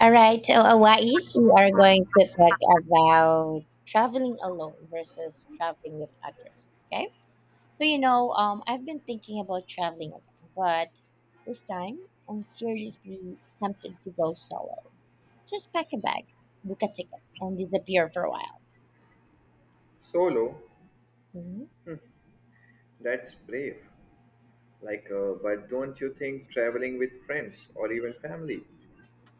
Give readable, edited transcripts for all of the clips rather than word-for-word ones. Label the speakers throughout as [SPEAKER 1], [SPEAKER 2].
[SPEAKER 1] All right, so we are going to talk about traveling alone versus traveling with others. Okay, so I've been thinking about traveling again, but this time I'm seriously tempted to go solo. Just pack a bag, book a ticket, and disappear for a while.
[SPEAKER 2] Solo,
[SPEAKER 1] Mhm.
[SPEAKER 2] that's brave. Like, but don't you think traveling with friends or even family,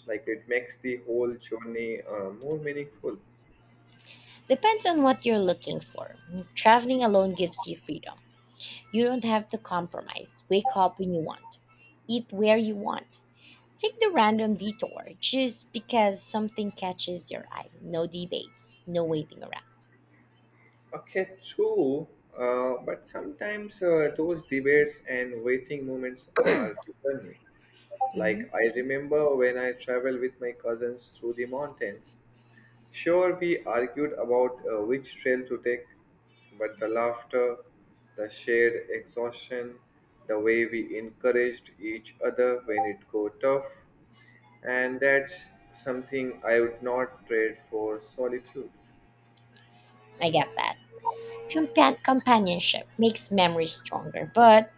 [SPEAKER 2] like it makes the whole journey more meaningful?
[SPEAKER 1] Depends on what you're looking for. Traveling alone gives you freedom. You don't have to compromise. Wake up when you want, eat where you want. Take the random detour just because something catches your eye. No debates, no waiting around.
[SPEAKER 2] Okay, true. But sometimes those debates and waiting moments are funny. Like
[SPEAKER 1] Mhm.
[SPEAKER 2] I remember when I traveled with my cousins through the mountains. Sure, we argued about which trail to take, but the laughter, the shared exhaustion, the way we encouraged each other when it got tough, and that's something I would not trade for solitude.
[SPEAKER 1] I get that. Companionship makes memories stronger. But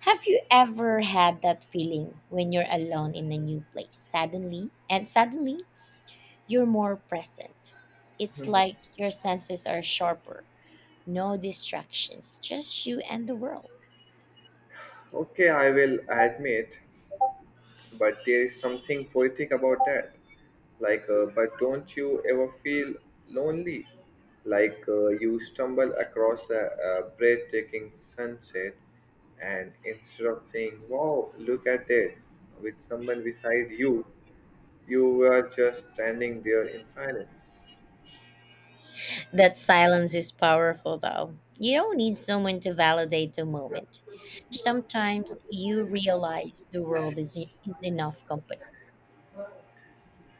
[SPEAKER 1] have you ever had that feeling when you're alone in a new place? Suddenly, you're more present. It's like your senses are sharper. No distractions, just you and the world.
[SPEAKER 2] Okay, I will admit, but there is something poetic about that. Like, but don't you ever feel lonely? Like, you stumble across a breathtaking sunset, and instead of saying, "Wow, look at it," with someone beside you, you were just standing there in silence.
[SPEAKER 1] That silence is powerful, though. You don't need someone to validate the moment. Sometimes you realize the world is enough company.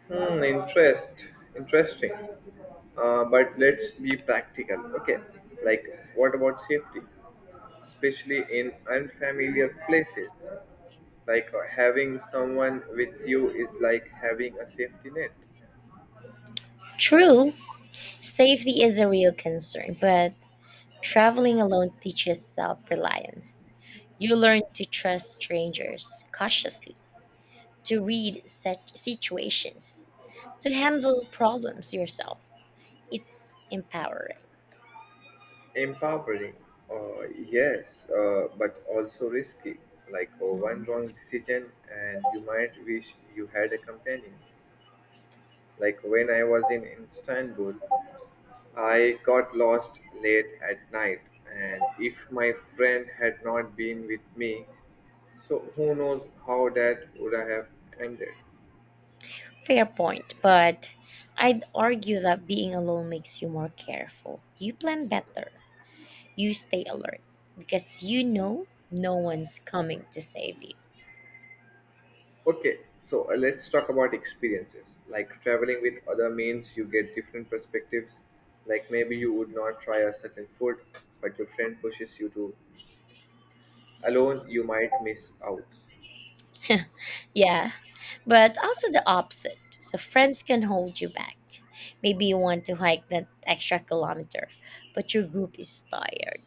[SPEAKER 2] Hmm, interest, interesting. But let's be practical. Okay, like what about safety, especially in unfamiliar places? Like, having someone with you is like having a safety net.
[SPEAKER 1] True, safety is a real concern, but traveling alone teaches self reliance. You learn to trust strangers cautiously, to read such situations, to handle problems yourself. It's empowering.
[SPEAKER 2] Empowering, yes, but also risky. Like, one wrong decision, and you might wish you had a companion. Like when I was in Istanbul, I got lost late at night, and if my friend had not been with me, so who knows how that would have ended.
[SPEAKER 1] Fair point, but I'd argue that being alone makes you more careful. You plan better, you stay alert because you know no one's coming to save you.
[SPEAKER 2] Okay, so let's talk about experiences. Like traveling with other means you get different perspectives. Like maybe you would not try a certain food, but your friend pushes you to. Alone, you might miss out.
[SPEAKER 1] Yeah, but also the opposite. So friends can hold you back. Maybe you want to hike that extra kilometer, but your group is tired.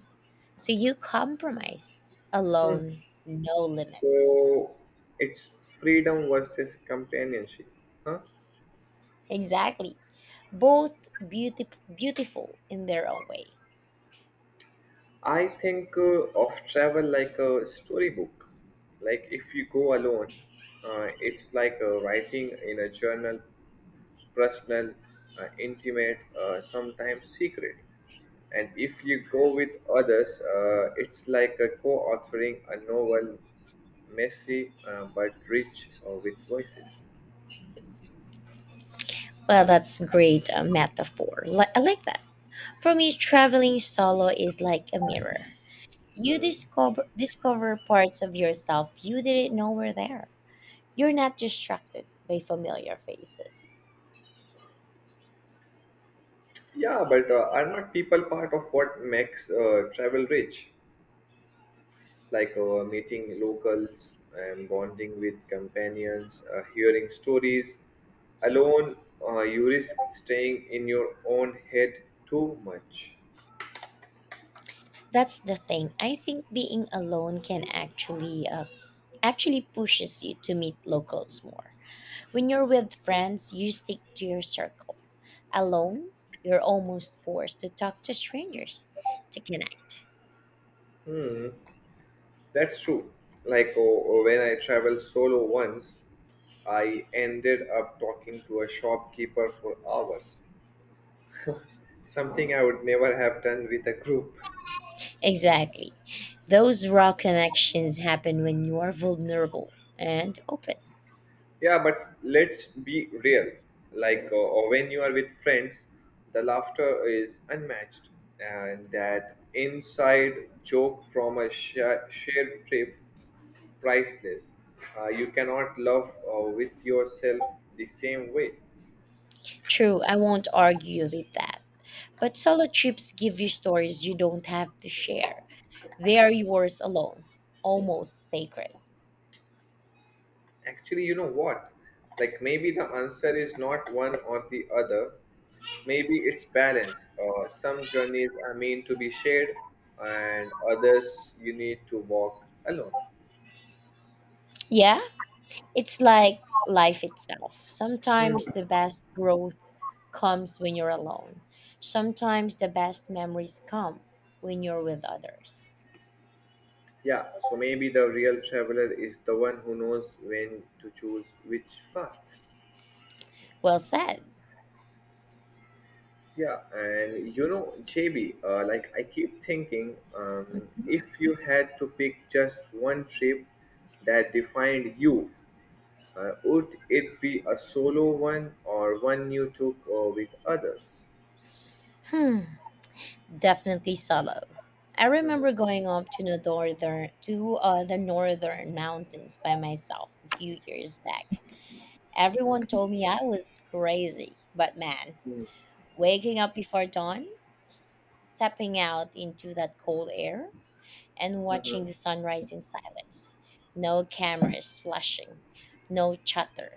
[SPEAKER 1] So you compromise. Alone, no limits.
[SPEAKER 2] So it's freedom versus companionship, huh?
[SPEAKER 1] Exactly. Both beautiful in their own way.
[SPEAKER 2] I think of travel like a storybook. Like if you go alone, it's like writing in a journal, personal, intimate, sometimes secret. And if you go with others, it's like a co-authoring a novel, messy but rich with voices.
[SPEAKER 1] Well, that's great metaphor. I like that. For me, traveling solo is like a mirror. You
[SPEAKER 2] Hmm.
[SPEAKER 1] discover parts of yourself you didn't know were there. You're not distracted by familiar faces.
[SPEAKER 2] Yeah, but are not people part of what makes travel rich? Like, meeting locals and bonding with companions, hearing stories. Alone, you risk staying in your own head too much.
[SPEAKER 1] That's the thing. I think being alone can actually pushes you to meet locals more. When you're with friends, you stick to your circle. Alone, you're almost forced to talk to strangers to connect.
[SPEAKER 2] Hmm, that's true. Like oh, when I traveled solo once, I ended up talking to a shopkeeper for hours, something I would never have done with a group.
[SPEAKER 1] Exactly. Those raw connections happen when you are vulnerable and open.
[SPEAKER 2] Yeah, but let's be real. Like, or when you are with friends, the laughter is unmatched, and that inside joke from a shared trip, priceless. You cannot love with yourself the same way.
[SPEAKER 1] True, I won't argue with that. But solo trips give you stories you don't have to share. They are yours alone, almost sacred.
[SPEAKER 2] Actually, you know what? Like, maybe the answer is not one or the other. Maybe it's balance. Some journeys are meant to be shared, and others you need to walk alone.
[SPEAKER 1] Yeah? It's like life itself.
[SPEAKER 2] Hmm.
[SPEAKER 1] Sometimes the best growth comes when you're alone. Sometimes the best memories come when you're with others.
[SPEAKER 2] Yeah, so maybe the real traveler is the one who knows when to choose which path.
[SPEAKER 1] Well said.
[SPEAKER 2] Yeah, and you know, JB, like I keep thinking, if you had to pick just one trip that defined you, would it be a solo one or one you took with others?
[SPEAKER 1] Hmm, definitely solo. I
[SPEAKER 2] Mhm,
[SPEAKER 1] remember going up to the northern mountains by myself a few years back. Everyone
[SPEAKER 2] mhm,
[SPEAKER 1] told me I was crazy, but man,
[SPEAKER 2] mhm,
[SPEAKER 1] waking up before dawn, stepping out into that cold air, and
[SPEAKER 2] mhm. Hmm.
[SPEAKER 1] watching the sunrise in silence. No cameras flashing, no chatter.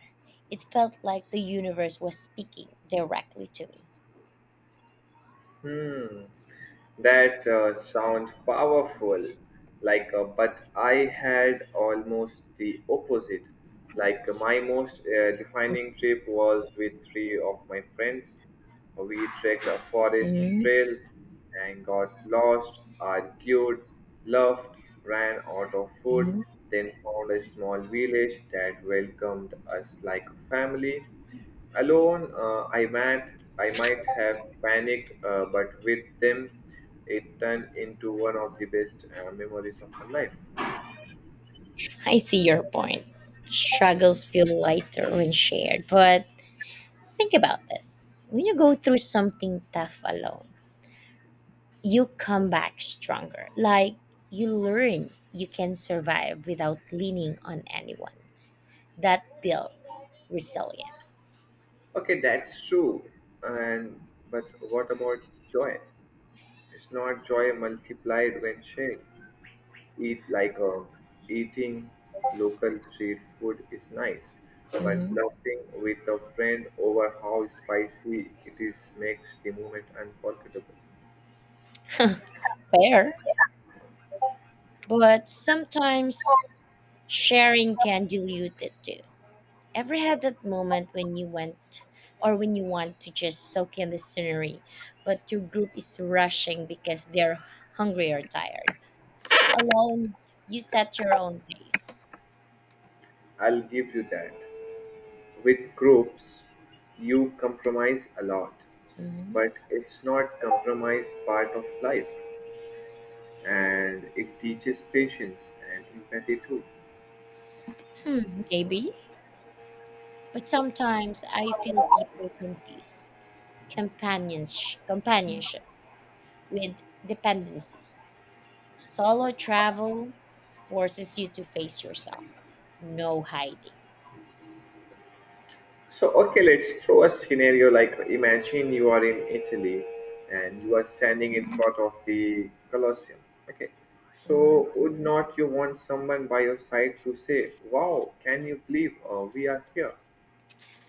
[SPEAKER 1] It felt like the universe was speaking directly to me.
[SPEAKER 2] Hmm. That sound powerful, like, but I had almost the opposite. Like, my most defining trip was with three of my friends. We trekked a forest
[SPEAKER 1] Mhm,
[SPEAKER 2] trail and got lost, argued, laughed, ran out of food,
[SPEAKER 1] mhm.
[SPEAKER 2] then found a small village that welcomed us like a family. Alone, I might have panicked, but with them. It turned into one of the best memories of my life.
[SPEAKER 1] I see your point. Struggles feel lighter when shared, but think about this. When you go through something tough alone, you come back stronger. Like you learn you can survive without leaning on anyone. That builds resilience.
[SPEAKER 2] Okay, that's true. And but what about joy? It's not joy multiplied when shared. Eat like um, Eating local street food is nice, but
[SPEAKER 1] Mhm.
[SPEAKER 2] laughing with a friend over how spicy it is makes the moment unforgettable.
[SPEAKER 1] Fair, but sometimes sharing can dilute it too. Ever had that moment when you want to just soak in the scenery, but your group is rushing because they're hungry or tired? Alone, you set your own pace.
[SPEAKER 2] I'll give you that. With groups, you compromise a lot,
[SPEAKER 1] Mhm.
[SPEAKER 2] but it's not compromise part of life, and it teaches patience and empathy too.
[SPEAKER 1] Hmm, maybe, but sometimes I feel people confuse companionship with dependency. Solo travel forces you to face yourself. No hiding.
[SPEAKER 2] So, okay, let's throw a scenario like imagine you are in Italy and you are standing in front of the Colosseum. Okay,
[SPEAKER 1] Mhm.
[SPEAKER 2] so would not you want someone by your side to say, "Wow, can you believe we are here?"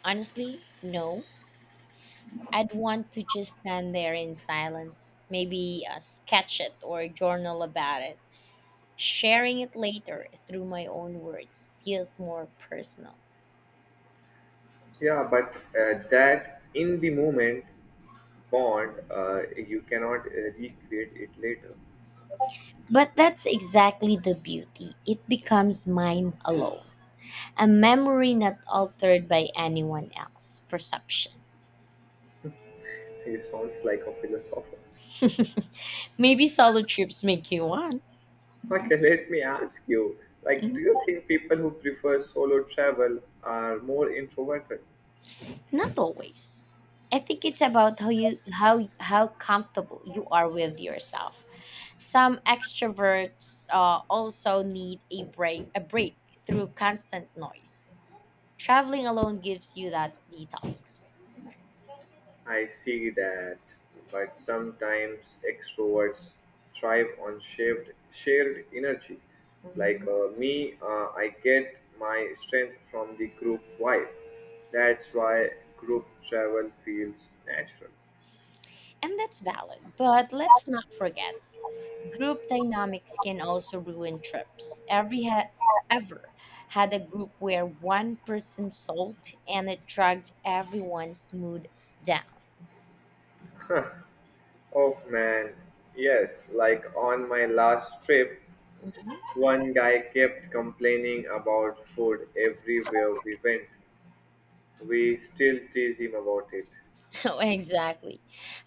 [SPEAKER 1] Honestly, no. I'd want to just stand there in silence, maybe sketch it or journal about it. Sharing it later through my own words feels more personal.
[SPEAKER 2] Yeah, but that in the moment bond, you cannot recreate it later.
[SPEAKER 1] But that's exactly the beauty. It becomes mine alone. A memory not altered by anyone else's perception.
[SPEAKER 2] You sounds like a philosopher.
[SPEAKER 1] Maybe solo trips make you one.
[SPEAKER 2] Okay, let me ask you, like, do you think people who prefer solo travel are more introverted?
[SPEAKER 1] Not always. I think it's about how comfortable you are with yourself. Some extroverts also need a break through constant noise. Traveling alone gives you that detox.
[SPEAKER 2] I see that, but sometimes extroverts thrive on shared energy. Like
[SPEAKER 1] Mhm.
[SPEAKER 2] uh, me, I get my strength from the group vibe. That's why group travel feels natural.
[SPEAKER 1] And that's valid. But let's not forget, group dynamics can also ruin trips. Ever had a group where one person sulked and it dragged everyone's mood down.
[SPEAKER 2] Oh man, yes, like on my last trip, one guy kept complaining about food everywhere we went. We still tease him about it.
[SPEAKER 1] Oh, exactly.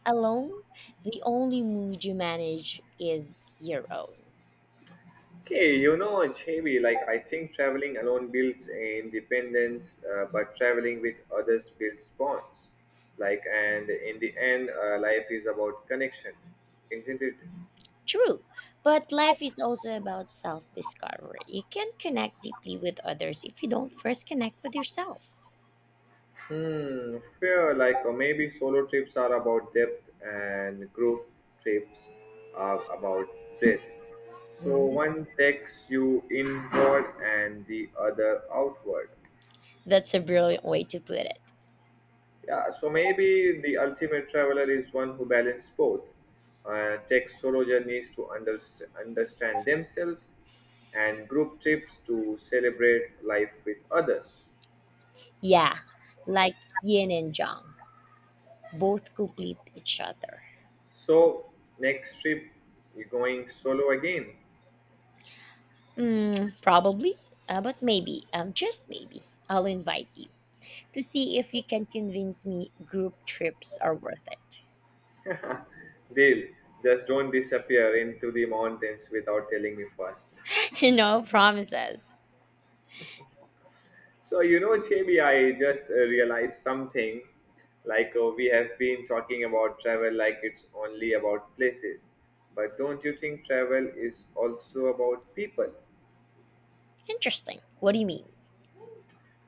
[SPEAKER 1] Alone, the only mood you manage is your own.
[SPEAKER 2] Okay, you know, JB, like I think traveling alone builds independence, but traveling with others builds bonds. Like, and in the end, life is about connection, isn't it?
[SPEAKER 1] True, but life is also about self discovery. You can't connect deeply with others if you don't first connect with yourself.
[SPEAKER 2] Hmm, fair. Like or maybe solo trips are about depth and group trips are about breadth. So
[SPEAKER 1] Mhm.
[SPEAKER 2] one takes you inward and the other outward.
[SPEAKER 1] That's a brilliant way to put it.
[SPEAKER 2] Yeah. So maybe the ultimate traveler is one who balances both. Takes solo journeys to understand themselves, and group trips to celebrate life with others.
[SPEAKER 1] Yeah, like yin and yang, both complete each other.
[SPEAKER 2] So next trip, you're going solo again.
[SPEAKER 1] Mm, probably, but maybe, just maybe, I'll invite you to see if you can convince me group trips are worth it.
[SPEAKER 2] Deal. Just don't disappear into the mountains without telling me first.
[SPEAKER 1] No promises.
[SPEAKER 2] So, you know, Jamie, I just realized something. Like, we have been talking about travel like it's only about places. But don't you think travel is also about people?
[SPEAKER 1] Interesting. What do you mean?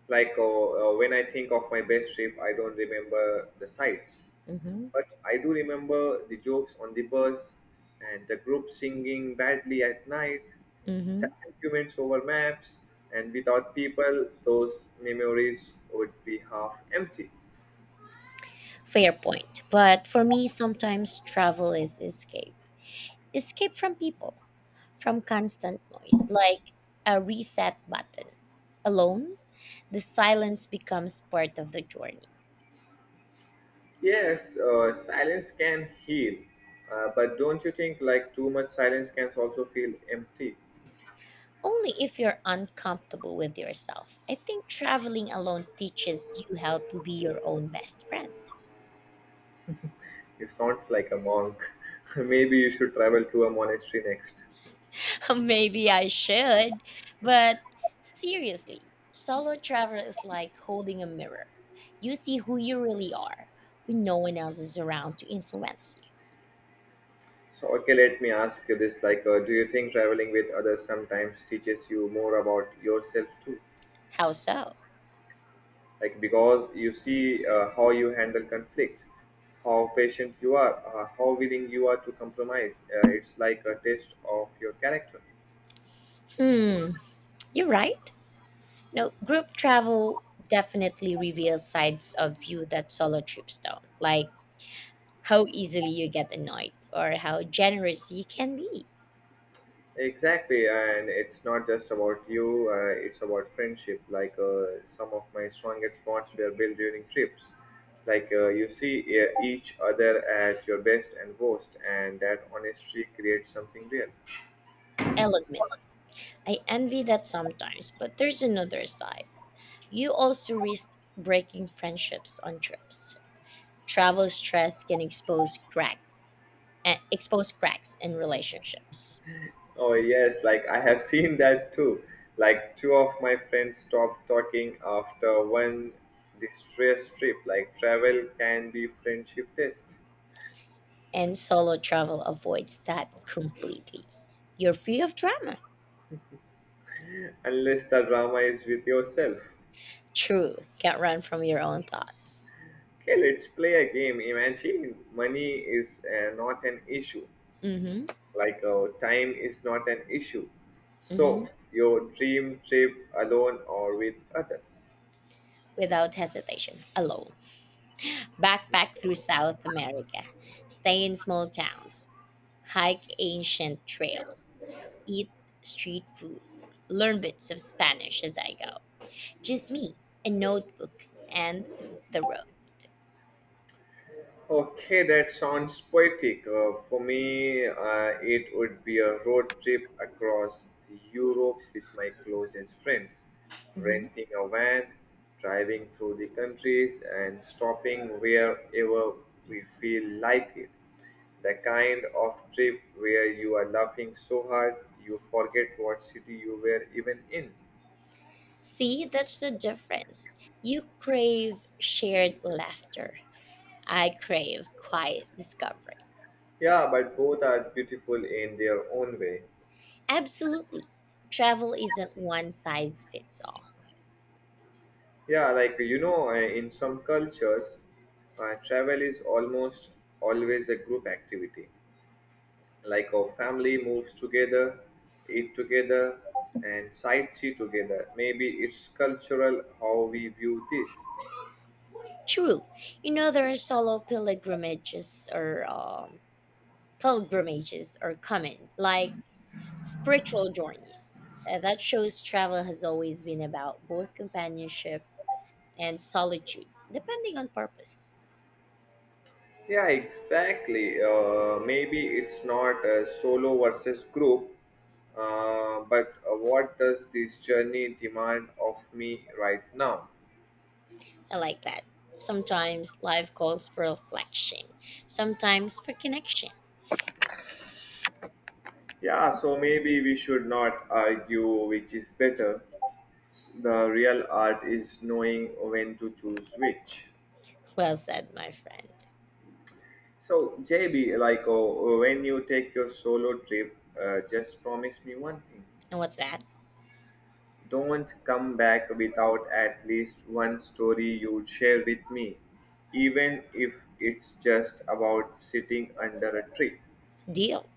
[SPEAKER 2] Like, when I think of my best trip, I don't remember the sights,
[SPEAKER 1] Hmm.
[SPEAKER 2] but I do remember the jokes on the bus and the group singing badly at night,
[SPEAKER 1] Hmm.
[SPEAKER 2] the arguments over maps, and without people, those memories would be half empty.
[SPEAKER 1] Fair point. But for me, sometimes travel is escape. Escape from people, from constant noise, like a reset button. Alone, the silence becomes part of the journey.
[SPEAKER 2] Yes, silence can heal, but don't you think like too much silence can also feel empty?
[SPEAKER 1] Only if you're uncomfortable with yourself. I think traveling alone teaches you how to be your own best friend.
[SPEAKER 2] You sounds like a monk. Maybe you should travel to a monastery next.
[SPEAKER 1] Maybe I should, but seriously, solo travel is like holding a mirror. You see who you really are when no one else is around to influence you.
[SPEAKER 2] So, okay, let me ask you this: like, do you think traveling with others sometimes teaches you more about yourself too?
[SPEAKER 1] How so?
[SPEAKER 2] Like, because you see how you handle conflict, how patient you are, how willing you are to compromise. It's like a test of your character.
[SPEAKER 1] Hmm, you're right. No, group travel definitely reveals sides of you that solo trips don't. Like how easily you get annoyed or how generous you can be.
[SPEAKER 2] Exactly, and it's not just about you, it's about friendship. Like, some of my strongest bonds were built during trips. Like, you see each other at your best and worst, and that honesty creates something real.
[SPEAKER 1] I'll admit, I envy that sometimes, but there's another side. You also risk breaking friendships on trips. Travel stress can expose cracks in relationships,
[SPEAKER 2] Oh, yes, like I have seen that too. Like two of my friends stopped talking after one distress trip. Like travel can be friendship test,
[SPEAKER 1] and solo travel avoids that completely. You're free of drama.
[SPEAKER 2] unless the drama is with yourself.
[SPEAKER 1] True, can't run from your own thoughts.
[SPEAKER 2] Okay, let's play a game. Imagine money is not an issue,
[SPEAKER 1] Mm-hmm.
[SPEAKER 2] like time is not an issue.
[SPEAKER 1] Mm-hmm.
[SPEAKER 2] So, your dream trip alone or with others.
[SPEAKER 1] Without hesitation, alone. Backpack through South America, stay in small towns, hike ancient trails, eat street food, learn bits of Spanish as I go. Just me, a notebook, and the road.
[SPEAKER 2] Okay, that sounds poetic. For me, it would be a road trip across Europe with my closest friends,
[SPEAKER 1] Mhm.
[SPEAKER 2] renting a van, driving through the countries, and stopping wherever we feel like it. The kind of trip where you are laughing so hard you forget what city you were even in.
[SPEAKER 1] See, that's the difference. You crave shared laughter. I crave quiet discovery.
[SPEAKER 2] Yeah, but both are beautiful in their own way.
[SPEAKER 1] Absolutely. Travel isn't one size fits all.
[SPEAKER 2] Yeah, like you know, in some cultures, travel is almost always a group activity. Like our family moves together, eat together, and sightsee together. Maybe it's cultural how we view this.
[SPEAKER 1] True. You know, there are solo pilgrimages are common, like spiritual journeys. That shows travel has always been about both companionship and solitude, depending on purpose.
[SPEAKER 2] Yeah, exactly. Maybe it's not solo versus group, but what does this journey demand of me right now?
[SPEAKER 1] I like that. Sometimes life calls for reflection, sometimes for connection.
[SPEAKER 2] Yeah, so maybe we should not argue which is better. The real art is knowing when to choose which.
[SPEAKER 1] Well said, my friend.
[SPEAKER 2] So, JB, like oh, when you take your solo trip, just promise me one thing.
[SPEAKER 1] And what's that
[SPEAKER 2] Don't come back without at least one story you'd share with me, even if it's just about sitting under a tree.
[SPEAKER 1] deal?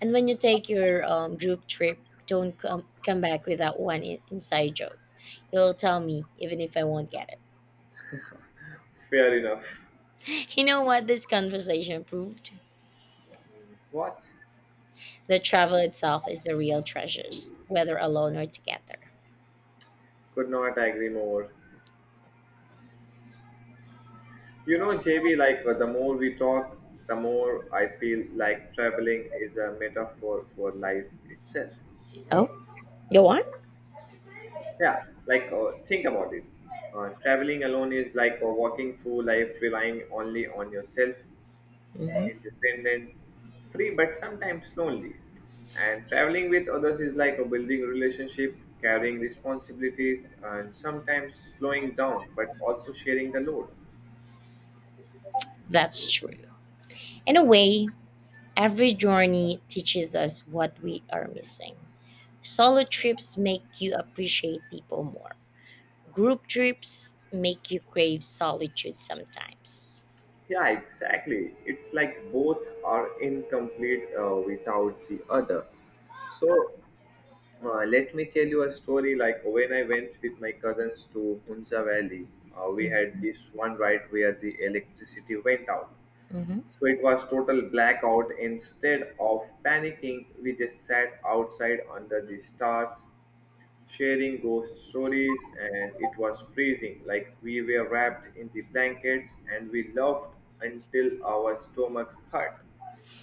[SPEAKER 1] And when you take your group trip, don't come, come back with that one inside joke. You'll tell me, even if I won't get it.
[SPEAKER 2] Fair enough.
[SPEAKER 1] You know what this conversation proved?
[SPEAKER 2] What?
[SPEAKER 1] That travel itself is the real treasures, whether alone or together.
[SPEAKER 2] Could not agree more. You know, JB, like, the more we talk, the more I feel like traveling is a metaphor for life itself.
[SPEAKER 1] Oh, go on?
[SPEAKER 2] Yeah, like, think about it. Traveling alone is like walking through life relying only on yourself,
[SPEAKER 1] Mhm.
[SPEAKER 2] independent, free, but sometimes lonely. And traveling with others is like a building relationship, carrying responsibilities, and sometimes slowing down, but also sharing the load.
[SPEAKER 1] That's true. In a way, every journey teaches us what we are missing. Solo trips make you appreciate people more. Group trips make you crave solitude sometimes.
[SPEAKER 2] Yeah, exactly. It's like both are incomplete without the other. So, let me tell you a story. Like when I went with my cousins to Hunza Valley, we had
[SPEAKER 1] Mhm.
[SPEAKER 2] this one ride where the electricity went out.
[SPEAKER 1] Hmm.
[SPEAKER 2] So it was total blackout. Instead of panicking, we just sat outside under the stars sharing ghost stories, and it was freezing, like we were wrapped in the blankets and we laughed until our stomachs hurt.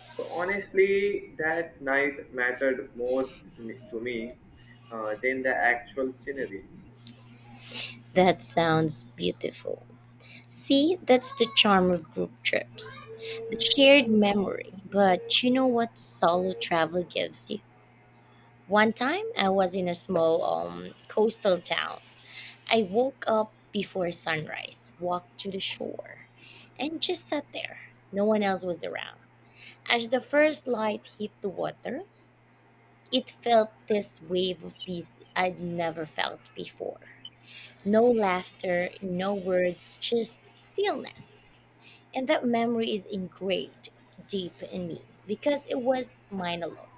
[SPEAKER 2] So, honestly, that night mattered more to me than the actual scenery.
[SPEAKER 1] That sounds beautiful. See, that's the charm of group trips, the shared memory. But you know what solo travel gives you? One time I was in a small coastal town. I woke up before sunrise, walked to the shore, and just sat there. No one else was around. As the first light hit the water, it felt this wave of peace I'd never felt before. No laughter, no words, just stillness. And that memory is engraved deep in me because it was mine alone.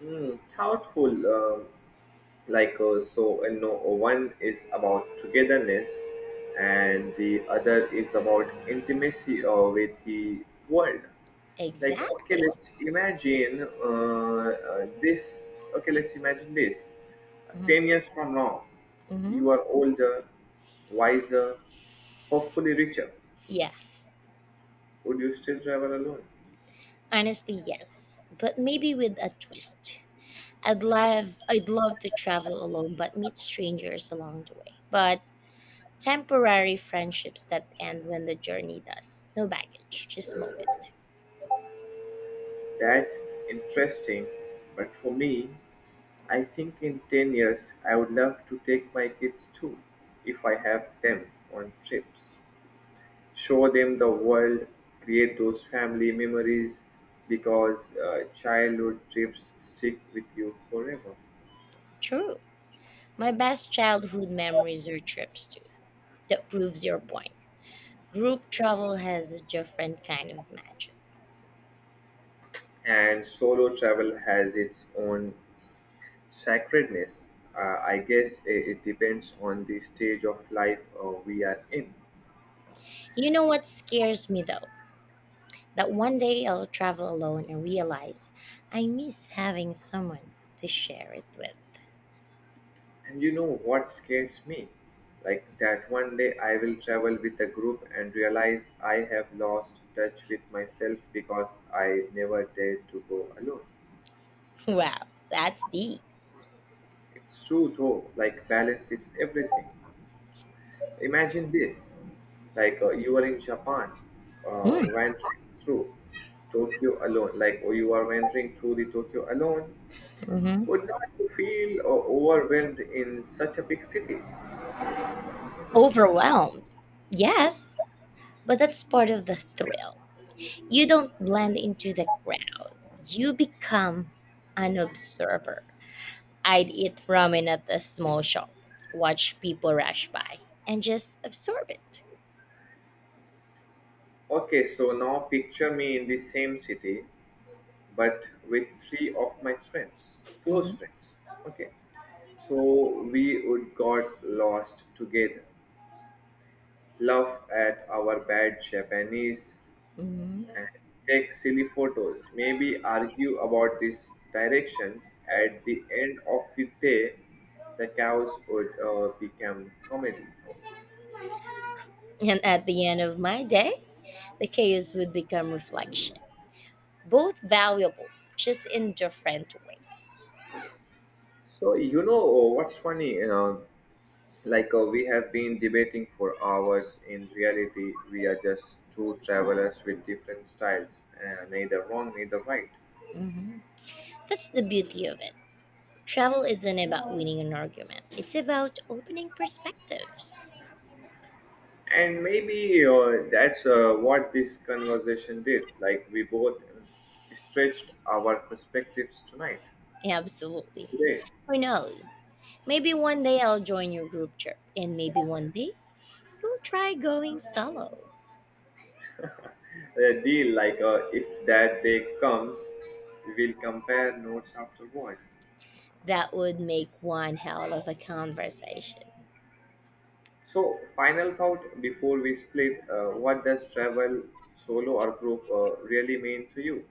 [SPEAKER 2] Hmm, thoughtful, so, no, one is about togetherness and the other is about intimacy with the world. Okay,
[SPEAKER 1] Exactly.
[SPEAKER 2] let's imagine this okay let's imagine this
[SPEAKER 1] Hmm.
[SPEAKER 2] 10 years from now.
[SPEAKER 1] Hmm.
[SPEAKER 2] You are older, wiser, hopefully richer.
[SPEAKER 1] Yeah,
[SPEAKER 2] Would you still travel alone?
[SPEAKER 1] honestly, yes. But maybe with a twist. I'd love to travel alone, but meet strangers along the way. But temporary friendships that end when the journey does. No baggage, just moment.
[SPEAKER 2] That's interesting, but for me, I think in 10 years I would love to take my kids too, if I have them, on trips, show them the world, create those family memories because childhood trips stick with you forever.
[SPEAKER 1] True. My best childhood memories are trips too. That proves your point. Group travel has a different kind of magic.
[SPEAKER 2] And solo travel has its own sacredness. I guess it depends on the stage of life we are in.
[SPEAKER 1] You know what scares me though? That one day I'll travel alone and realize I miss having someone to share it with.
[SPEAKER 2] And you know what scares me? Like that one day I will travel with a group and realize I have lost touch with myself because I never dared to go alone.
[SPEAKER 1] Wow, that's deep.
[SPEAKER 2] It's true though, like balance is everything. Imagine this, you are in Japan, wandering through Tokyo alone, like or you are wandering through the Tokyo alone.
[SPEAKER 1] Mm-hmm.
[SPEAKER 2] Would not you feel overwhelmed in such a big city?
[SPEAKER 1] Overwhelmed. Yes, but that's part of the thrill. You don't blend into the crowd, you become an observer. I'd eat ramen at the small shop, watch people rush by, and just absorb it.
[SPEAKER 2] Okay, so now picture me in the same city, but with three of my friends, close
[SPEAKER 1] Mm-hmm.
[SPEAKER 2] friends. Okay, so we would got lost together, laugh at our bad Japanese,
[SPEAKER 1] Mhm.
[SPEAKER 2] and take silly photos, maybe argue about these directions. At the end of the day, the chaos would become comedy.
[SPEAKER 1] And at the end of my day, the chaos would become reflection. Both valuable, just in different ways.
[SPEAKER 2] So, you know what's funny? We have been debating for hours. In reality, we are just two travelers with different styles, neither wrong, neither right.
[SPEAKER 1] Mhm. That's the beauty of it. Travel isn't about winning an argument, it's about opening perspectives.
[SPEAKER 2] And maybe that's what this conversation did. Like we both stretched our perspectives tonight,
[SPEAKER 1] Absolutely.
[SPEAKER 2] today.
[SPEAKER 1] Who knows? Maybe one day I'll join your group trip, and maybe one day you'll try going solo.
[SPEAKER 2] A deal, like if that day comes, we'll compare notes afterward.
[SPEAKER 1] That would make one hell of a conversation.
[SPEAKER 2] So, final thought before we split: what does travel, solo or group, really mean to you?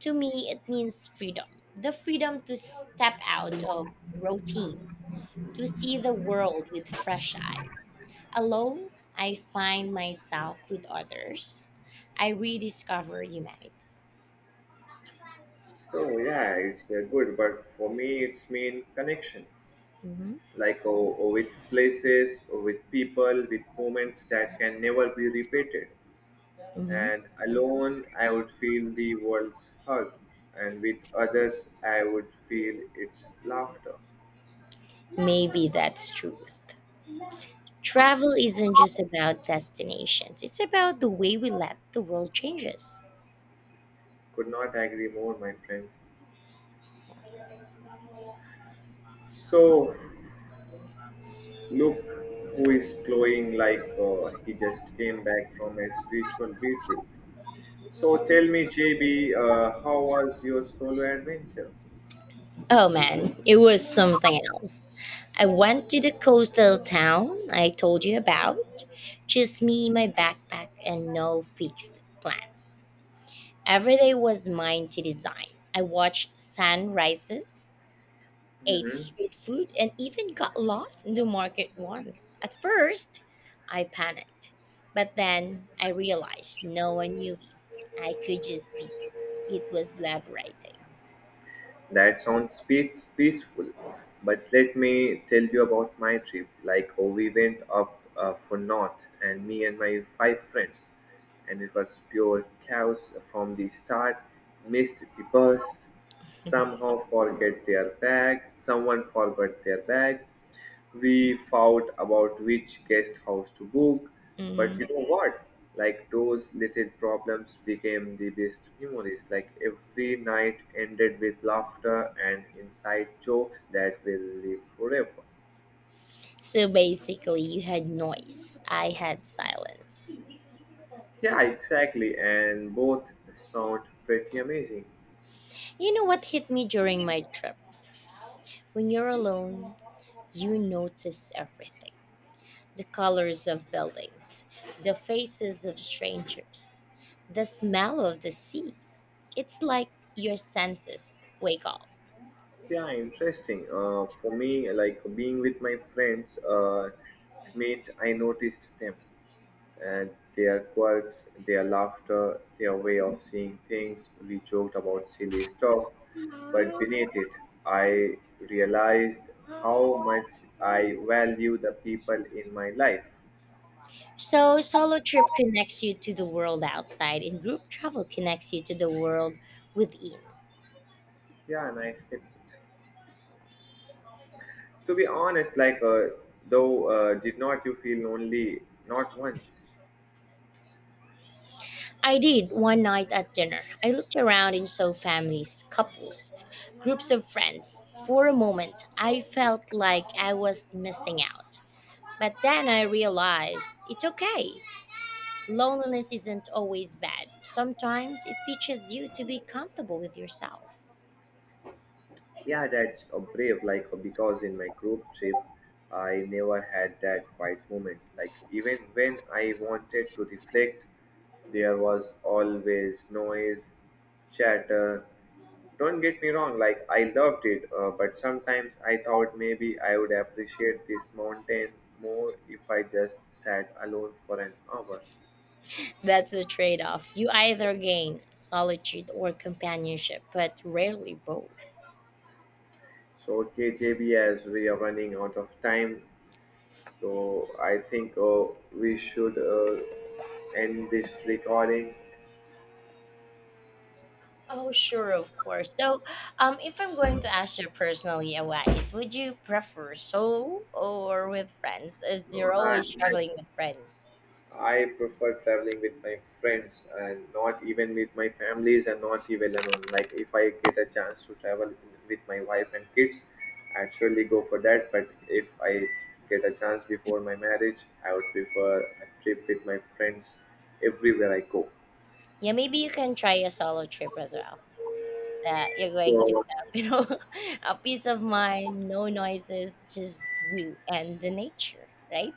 [SPEAKER 1] To me, it means freedom, the freedom to step out of routine, to see the world with fresh eyes. Alone, I find myself with others. I rediscover humanity.
[SPEAKER 2] So yeah, it's good, but for me, it's mean connection.
[SPEAKER 1] Mhm,
[SPEAKER 2] With places or with people, with moments that can never be repeated.
[SPEAKER 1] mhm.
[SPEAKER 2] And alone I would feel the world's hug, and with others I would feel its laughter.
[SPEAKER 1] Maybe that's truth. Travel isn't just about destinations, it's about the way we let the world change us.
[SPEAKER 2] Could not agree more, my friend. So look who is glowing like he just came back from a spiritual retreat. So tell me, JB, how was your solo adventure?
[SPEAKER 1] Oh man, it was something else. I went to the coastal town I told you about. Just me, my backpack, and no fixed plans. Every day was mine to design. I watched sunrises, ate
[SPEAKER 2] Hmm.
[SPEAKER 1] street food, and even got lost in the market once. At first, I panicked, but then I realized no one knew me. I could just be. It was liberating.
[SPEAKER 2] That sounds peaceful, but let me tell you about my trip. Like, oh, we went up for north, and me and my five friends, and it was pure chaos from the start. Missed the bus, somehow forget their bag, someone forgot their bag, we fought about which guest house to book. But you
[SPEAKER 1] Mhm.
[SPEAKER 2] know what? Like those little problems became the best memories. Like every night ended with laughter and inside jokes that will live forever.
[SPEAKER 1] So basically, you had noise. I had silence.
[SPEAKER 2] Yeah, exactly. And both sound pretty amazing.
[SPEAKER 1] You know what hit me during my trip? When you're alone, you notice everything, the colors of buildings, the faces of strangers, the smell of the sea. It's like your senses wake up.
[SPEAKER 2] Yeah, interesting. For me, like being with my friends, mate, I noticed them and their quirks, their laughter, their way of seeing things. We joked about silly stuff, but beneath it, I realized how much I value the people in my life.
[SPEAKER 1] So, solo trip connects you to the world outside, and group travel connects you to the world within.
[SPEAKER 2] Yeah, nice tip. To be honest, did not you feel lonely? Not once.
[SPEAKER 1] I did one night at dinner. I looked around and saw families, couples, groups of friends. For a moment, I felt like I was missing out. But then I realized it's okay. Loneliness isn't always bad. Sometimes it teaches you to be comfortable with yourself.
[SPEAKER 2] Yeah, that's a brave. Like because in my group trip, I never had that quiet moment. Like even when I wanted to reflect, there was always noise, chatter. Don't get me wrong. Like I loved it, but sometimes I thought maybe I would appreciate this mountain more if I just sat alone for an hour.
[SPEAKER 1] That's the trade off. You either gain solitude or companionship, but rarely both.
[SPEAKER 2] So okay, JB, as we are running out of time, so I think we should. End this recording.
[SPEAKER 1] Oh, sure, of course. So, if I'm going to ask you personally advice, would you prefer solo or with friends? As
[SPEAKER 2] No,
[SPEAKER 1] you're
[SPEAKER 2] I,
[SPEAKER 1] always traveling with friends,
[SPEAKER 2] I I prefer traveling with my friends, and not even with my families, and not even alone. Like if I get a chance to travel with my wife and kids, I'd surely go for that. But if I get a chance before my marriage, I would prefer a trip with my friends everywhere I go.
[SPEAKER 1] yeah, maybe you can try a solo trip as well. That you're going to
[SPEAKER 2] So
[SPEAKER 1] have, you know, a peace of mind, no noises, just you and the nature, right?